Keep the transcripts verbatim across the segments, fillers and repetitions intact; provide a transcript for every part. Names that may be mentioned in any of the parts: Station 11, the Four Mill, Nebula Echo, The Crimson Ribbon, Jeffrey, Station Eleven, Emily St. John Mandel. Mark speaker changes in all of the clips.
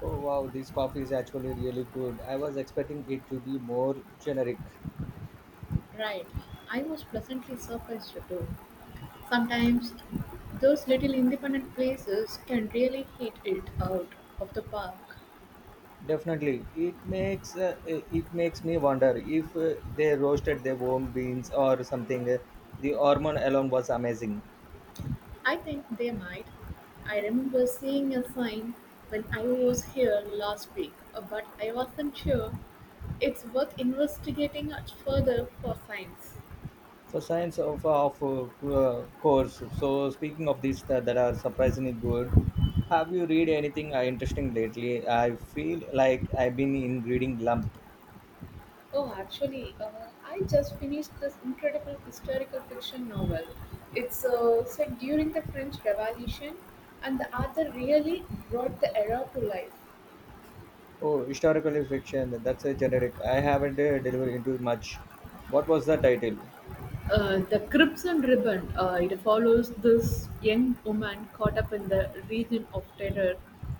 Speaker 1: Oh wow, this coffee is actually really good. I was expecting it to be more generic.
Speaker 2: Right. I was pleasantly surprised too. Sometimes those little independent places can really hit it out of the park.
Speaker 1: Definitely, it makes uh, eh, it makes me wonder if uh, they roasted their own beans or something. The hormone alone was amazing.
Speaker 2: I think they might. I remember seeing a sign when I was here last week, uh, but I wasn't sure. It's worth investigating much further for signs.
Speaker 1: For science of of uh, course. So speaking of these that, that are surprisingly good, have you read anything uh, interesting lately? I feel like I've been in reading lump.
Speaker 2: Oh, actually, uh, I just finished this incredible historical fiction novel. It's uh, set during the French Revolution, and the author really brought the era to life.
Speaker 1: Oh, historical fiction. That's a generic. I haven't uh, delivered into much. What was the title?
Speaker 2: Uh, the Crimson Ribbon. Uh, it follows this young woman caught up in the region of terror.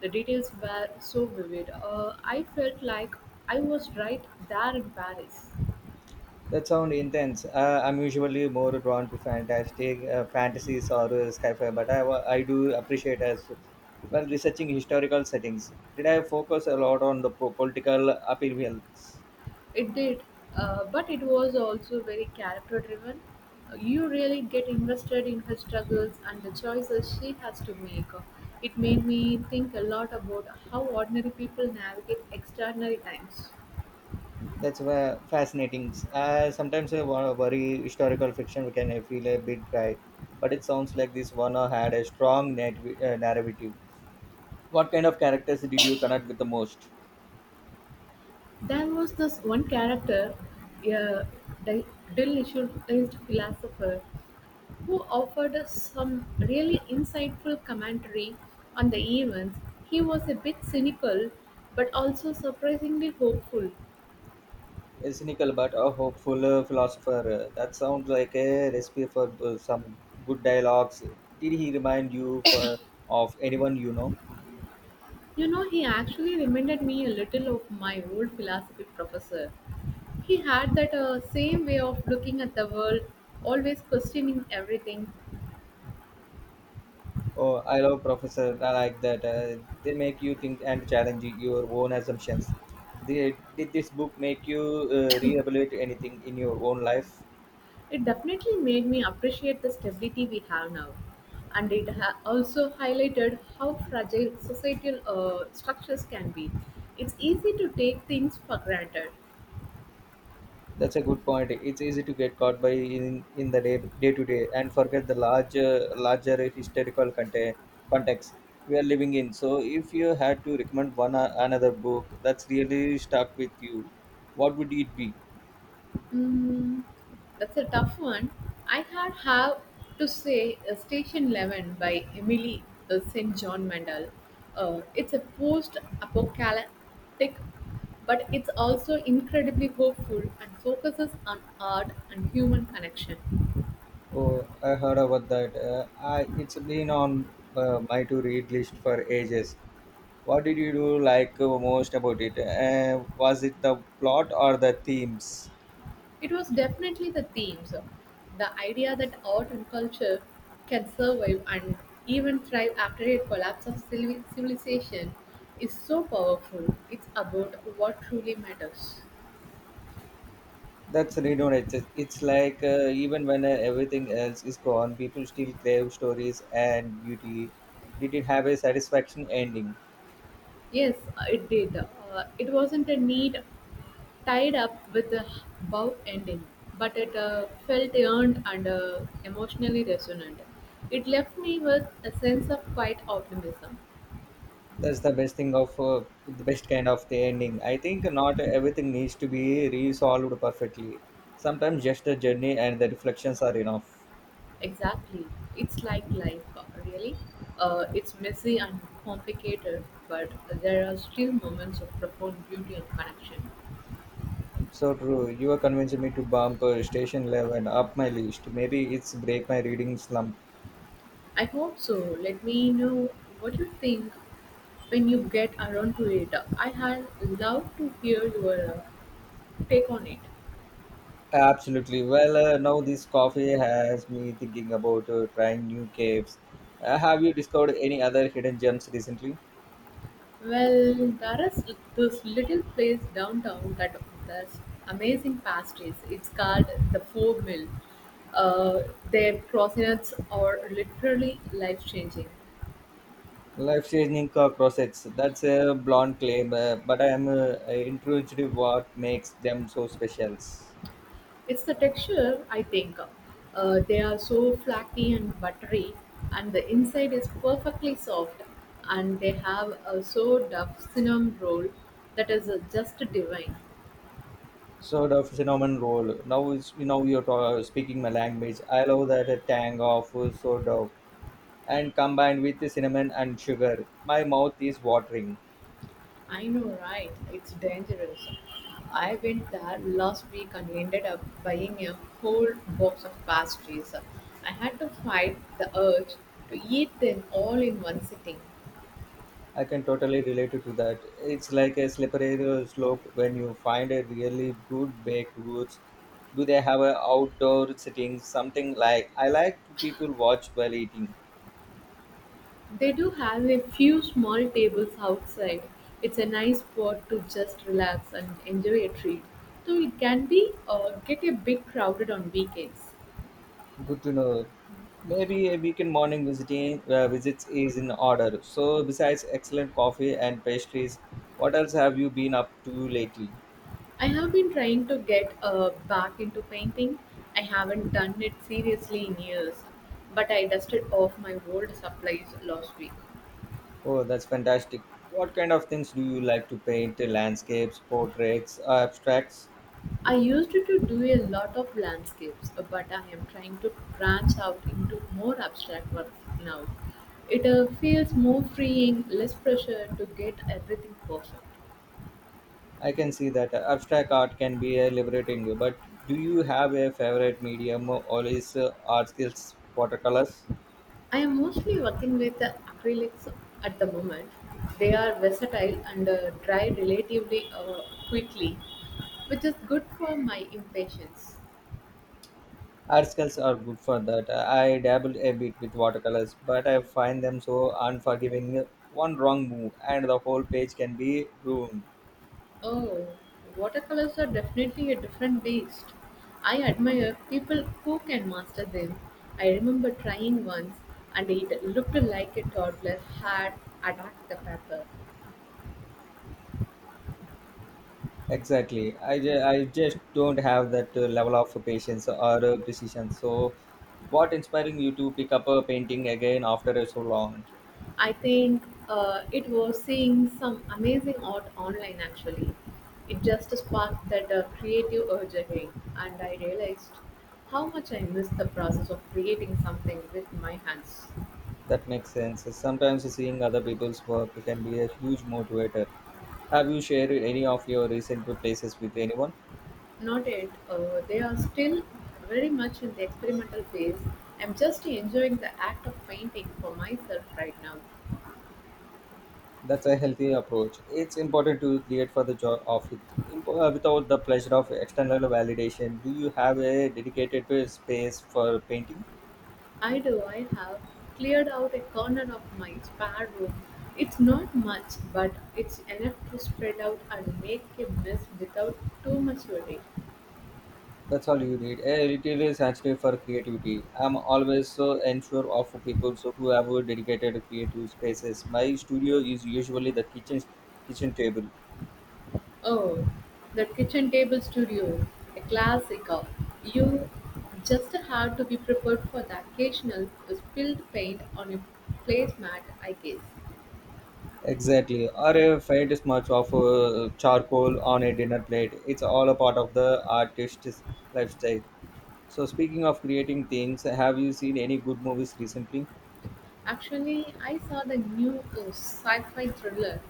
Speaker 2: The details were so vivid. Uh, I felt like I was right there in Paris.
Speaker 1: That sounds intense. Uh, I'm usually more drawn to fantastic uh, fantasies or uh, sci-fi, but I, wa- I do appreciate as well researching historical settings. Did I focus a lot on the po- political appeal?
Speaker 2: It did, uh, but it was also very character driven. You really get invested in her struggles and the choices she has to make. It made me think a lot about how ordinary people navigate extraordinary times.
Speaker 1: That's wha- fascinating. Uh, sometimes I wa- worry historical fiction can uh, feel a bit dry, but it sounds like this one had a strong net, uh, narrative. What kind of characters did you connect with the most?
Speaker 2: There was this one character, a di- disillusionized philosopher, who offered us some really insightful commentary on the events. He was a bit cynical, but also surprisingly hopeful.
Speaker 1: A cynical but a hopeful uh, philosopher. That sounds like a recipe for uh, some good dialogues. Did he remind you for of anyone you know?
Speaker 2: You know, he actually reminded me a little of my old philosophy professor. He had that uh, same way of looking at the world, always questioning everything.
Speaker 1: Oh, I love professor. I like that. Uh, they make you think and challenge your own assumptions. They, did this book make you uh, reevaluate anything in your own life?
Speaker 2: It definitely made me appreciate the stability we have now. And it ha- also highlighted how fragile societal uh, structures can be. It's easy to take things for granted.
Speaker 1: That's a good point. It's easy to get caught by in, in the day day to day and forget the larger larger historical conte- context we are living in. So if you had to recommend one or another book that's really stuck with you, what would it be?
Speaker 2: Mm, that's a tough one. I had have to say uh, Station eleven by Emily uh, Saint John Mandel. Uh, it's a post-apocalyptic, but it's also incredibly hopeful and focuses on art and human connection.
Speaker 1: Oh, I heard about that. Uh, I It's been on uh, my to read list for ages. What did you do like uh, most about it? Uh, was it the plot or the themes?
Speaker 2: It was definitely the themes, the idea that art and culture can survive and even thrive after a collapse of civili- civilization is so powerful. It's about what truly matters.
Speaker 1: That's redundant. It's, it's like uh, even when uh, everything else is gone, people still crave stories and beauty. Did it have a satisfaction ending?
Speaker 2: Yes, it did. Uh, it wasn't a need tied up with a bow ending, but it uh, felt earned and uh, emotionally resonant. It left me with a sense of quiet optimism.
Speaker 1: That's the best thing of uh, the best kind of the ending. I think not everything needs to be resolved perfectly. Sometimes just a journey and the reflections are enough.
Speaker 2: Exactly. It's like life, uh, really. Uh, it's messy and complicated, but there are still moments of profound beauty and connection.
Speaker 1: So true. You are convincing me to bump uh, Station Eleven up my list. Maybe it's break my reading slump.
Speaker 2: I hope so. Let me know what you think when you get around to it. I had love to hear your uh, take on it.
Speaker 1: Absolutely. Well, uh, now this coffee has me thinking about uh, trying new caves. Uh, have you discovered any other hidden gems recently?
Speaker 2: Well, there's this little place downtown that does amazing pastries. It's called the Four Mill. Uh, their croissants are literally life changing.
Speaker 1: Life changing crosses. That's a blonde claim, uh, but I am uh, intrigued what makes them so special.
Speaker 2: It's the texture, I think. Uh, they are so flaky and buttery, and the inside is perfectly soft. And they have a so duff cinnamon roll that is uh, just divine.
Speaker 1: Sort of phenomenon role. Now is now you're ta- speaking my language. I love that uh, tang of uh, sourdough and combined with the cinnamon and sugar. My mouth is watering.
Speaker 2: I know, right? It's dangerous. I went there last week and ended up buying a whole box of pastries. I had to fight the urge to eat them all in one sitting.
Speaker 1: I can totally relate to that. It's like a slippery slope when you find a really good baked goods. Do they have a outdoor setting? Something like I like to people watch while eating.
Speaker 2: They do have a few small tables outside. It's a nice spot to just relax and enjoy a treat, though it can be uh, get a bit crowded on weekends.
Speaker 1: Good to know. Maybe a weekend morning visiting uh, visits is in order. So besides excellent coffee and pastries, what else have you been up to lately?
Speaker 2: I have been trying to get uh, back into painting. I haven't done it seriously in years, but I dusted off my old supplies last week.
Speaker 1: Oh, that's fantastic. What kind of things do you like to paint? Landscapes, portraits, uh, abstracts?
Speaker 2: I used to do a lot of landscapes, but I am trying to branch out into more abstract work now. It uh, feels more freeing, less pressure to get everything perfect.
Speaker 1: I can see that abstract art can be uh, liberating, but do you have a favorite medium? Always uh, art skills, watercolors.
Speaker 2: I am mostly working with the acrylics at the moment. They are versatile and uh, dry relatively uh, quickly, which is good for my impatience.
Speaker 1: Art skills are good for that. I dabbled a bit with watercolors, but I find them so unforgiving. One wrong move, and the whole page can be ruined.
Speaker 2: Oh, watercolors are definitely a different beast. I admire people who can master them. I remember trying once and it looked like a toddler had attacked the paper.
Speaker 1: Exactly. I, ju- I just don't have that uh, level of patience or uh, precision. So, what inspiring you to pick up a painting again after so long?
Speaker 2: I think uh, it was seeing some amazing art online actually. It just sparked that uh, creative urge again, and I realized how much I miss the process of creating something with my hands.
Speaker 1: That makes sense. Sometimes seeing other people's work can be a huge motivator. Have you shared any of your recent places with anyone?
Speaker 2: Not yet, uh, they are still very much in the experimental phase. I'm just enjoying the act of painting for myself right now.
Speaker 1: That's a healthy approach. It's important to create for the joy of it imp- uh, without the pleasure of external validation. Do you have a dedicated pa- space for painting?
Speaker 2: I do. I have cleared out a corner of my spare room. It's not much, but it's enough to spread out and make a mess without too much worry.
Speaker 1: That's all you need. A little is actually for creativity. I'm always so unsure of people so who have dedicated creative spaces. My studio is usually the kitchen kitchen table.
Speaker 2: Oh, the kitchen table studio, a classic. of- You just have to be prepared for the occasional spilled paint on a placemat, I guess.
Speaker 1: Exactly. Or a faint smudge of uh, charcoal on a dinner plate. It's all a part of the artist's lifestyle. So, speaking of creating things, have you seen any good movies recently?
Speaker 2: Actually, I saw the new uh, sci-fi thriller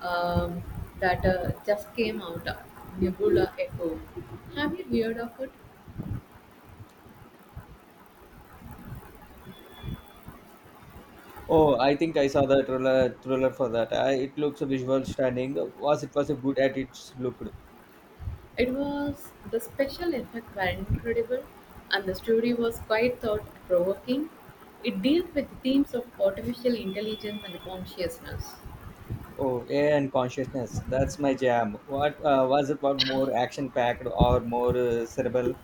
Speaker 2: um, that uh, just came out, uh, Nebula Echo. Have you heard of it?
Speaker 1: Oh, I think I saw the trailer. Trailer for that. I, it looks a visual stunning. Was it was a good at its look?
Speaker 2: It was the special effects were incredible, and the story was quite thought-provoking. It dealt with themes of artificial intelligence and consciousness.
Speaker 1: Oh, A I and consciousness. That's my jam. What uh, was it? What more action packed or more uh, cerebral?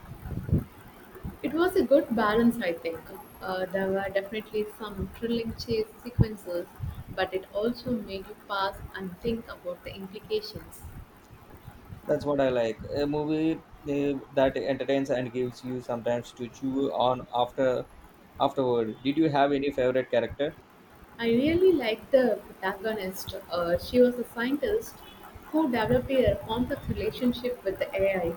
Speaker 2: It was a good balance, I think. Uh, there were definitely some thrilling chase sequences, but it also made you pause and think about the implications.
Speaker 1: That's what I like. A movie uh, that entertains and gives you sometimes to chew on after afterward. Did you have any favorite character?
Speaker 2: I really liked the protagonist. Uh, she was a scientist who developed a complex relationship with the A I.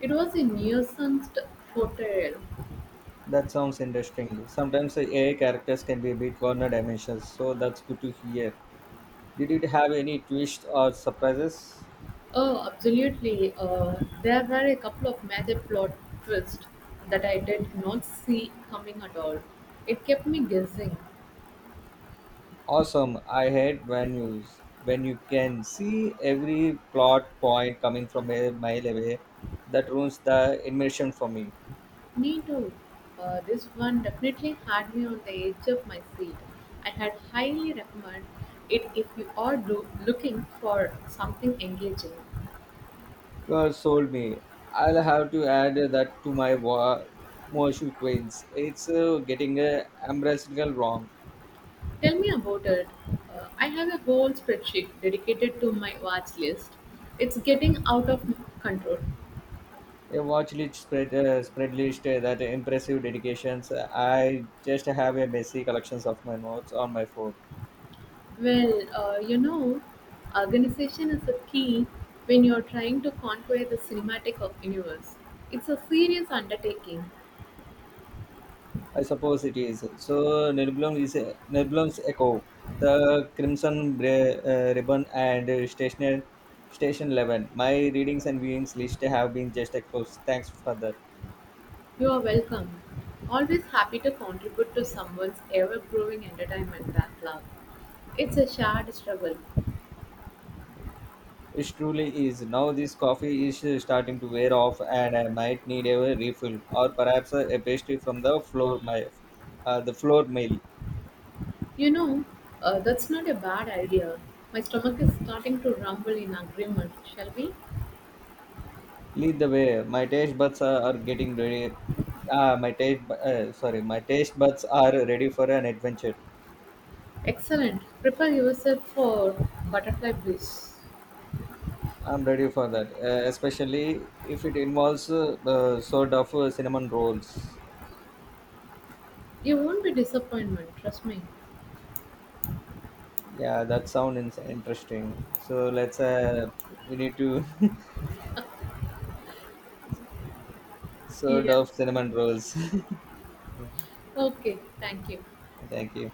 Speaker 2: It was a nuanced portrayal.
Speaker 1: That sounds interesting. Sometimes the A I characters can be a bit corner dimensions, so that's good to hear. Did it have any twists or surprises?
Speaker 2: Oh, absolutely. Uh, there were a couple of major plot twists that I did not see coming at all. It kept me guessing.
Speaker 1: Awesome. I hate when you when you can see every plot point coming from a mile away. That ruins the immersion for me.
Speaker 2: Me too. Uh, this one definitely had me on the edge of my seat. I had highly recommend it if you are do- looking for something engaging.
Speaker 1: You sold me. I'll have to add that to my wa- Mosul Queens. It's uh, getting uh, ambassadorial wrong.
Speaker 2: Tell me about it. Uh, I have a whole spreadsheet dedicated to my watch list. It's getting out of control.
Speaker 1: A watch list spread, uh, spread list uh, that impressive dedications. I just have a messy collections of my notes on my phone.
Speaker 2: Well, uh, you know, organization is a key when you're trying to conquer the cinematic of universe. It's a serious undertaking.
Speaker 1: I suppose it is. So Nelblum is a, Nelblum's Echo, the Crimson Bri- uh, Ribbon, and uh, Station Station Eleven. My readings and viewings list have been just exposed. Thanks for that.
Speaker 2: You are welcome. Always happy to contribute to someone's ever-growing entertainment backlog. It's a shared struggle.
Speaker 1: It truly is. Now this coffee is uh, starting to wear off, and I might need a refill or perhaps a a pastry from the floor. My, uh, the floor mail.
Speaker 2: You know, uh, that's not a bad idea. My stomach is starting to rumble in agreement, shall we?
Speaker 1: Lead the way. My taste buds are, are getting ready. Ah, my taste. bu- Uh, sorry, my taste buds are ready for an adventure.
Speaker 2: Excellent. Prepare yourself for butterfly bliss.
Speaker 1: I'm ready for that, uh, especially if it involves uh, uh, sort of uh, cinnamon rolls.
Speaker 2: You won't be disappointed, trust me.
Speaker 1: Yeah, that sounds interesting. So let's. Uh, we need to sort
Speaker 2: Yeah.
Speaker 1: of cinnamon rolls. Yeah.
Speaker 2: Okay, thank you.
Speaker 1: Thank you.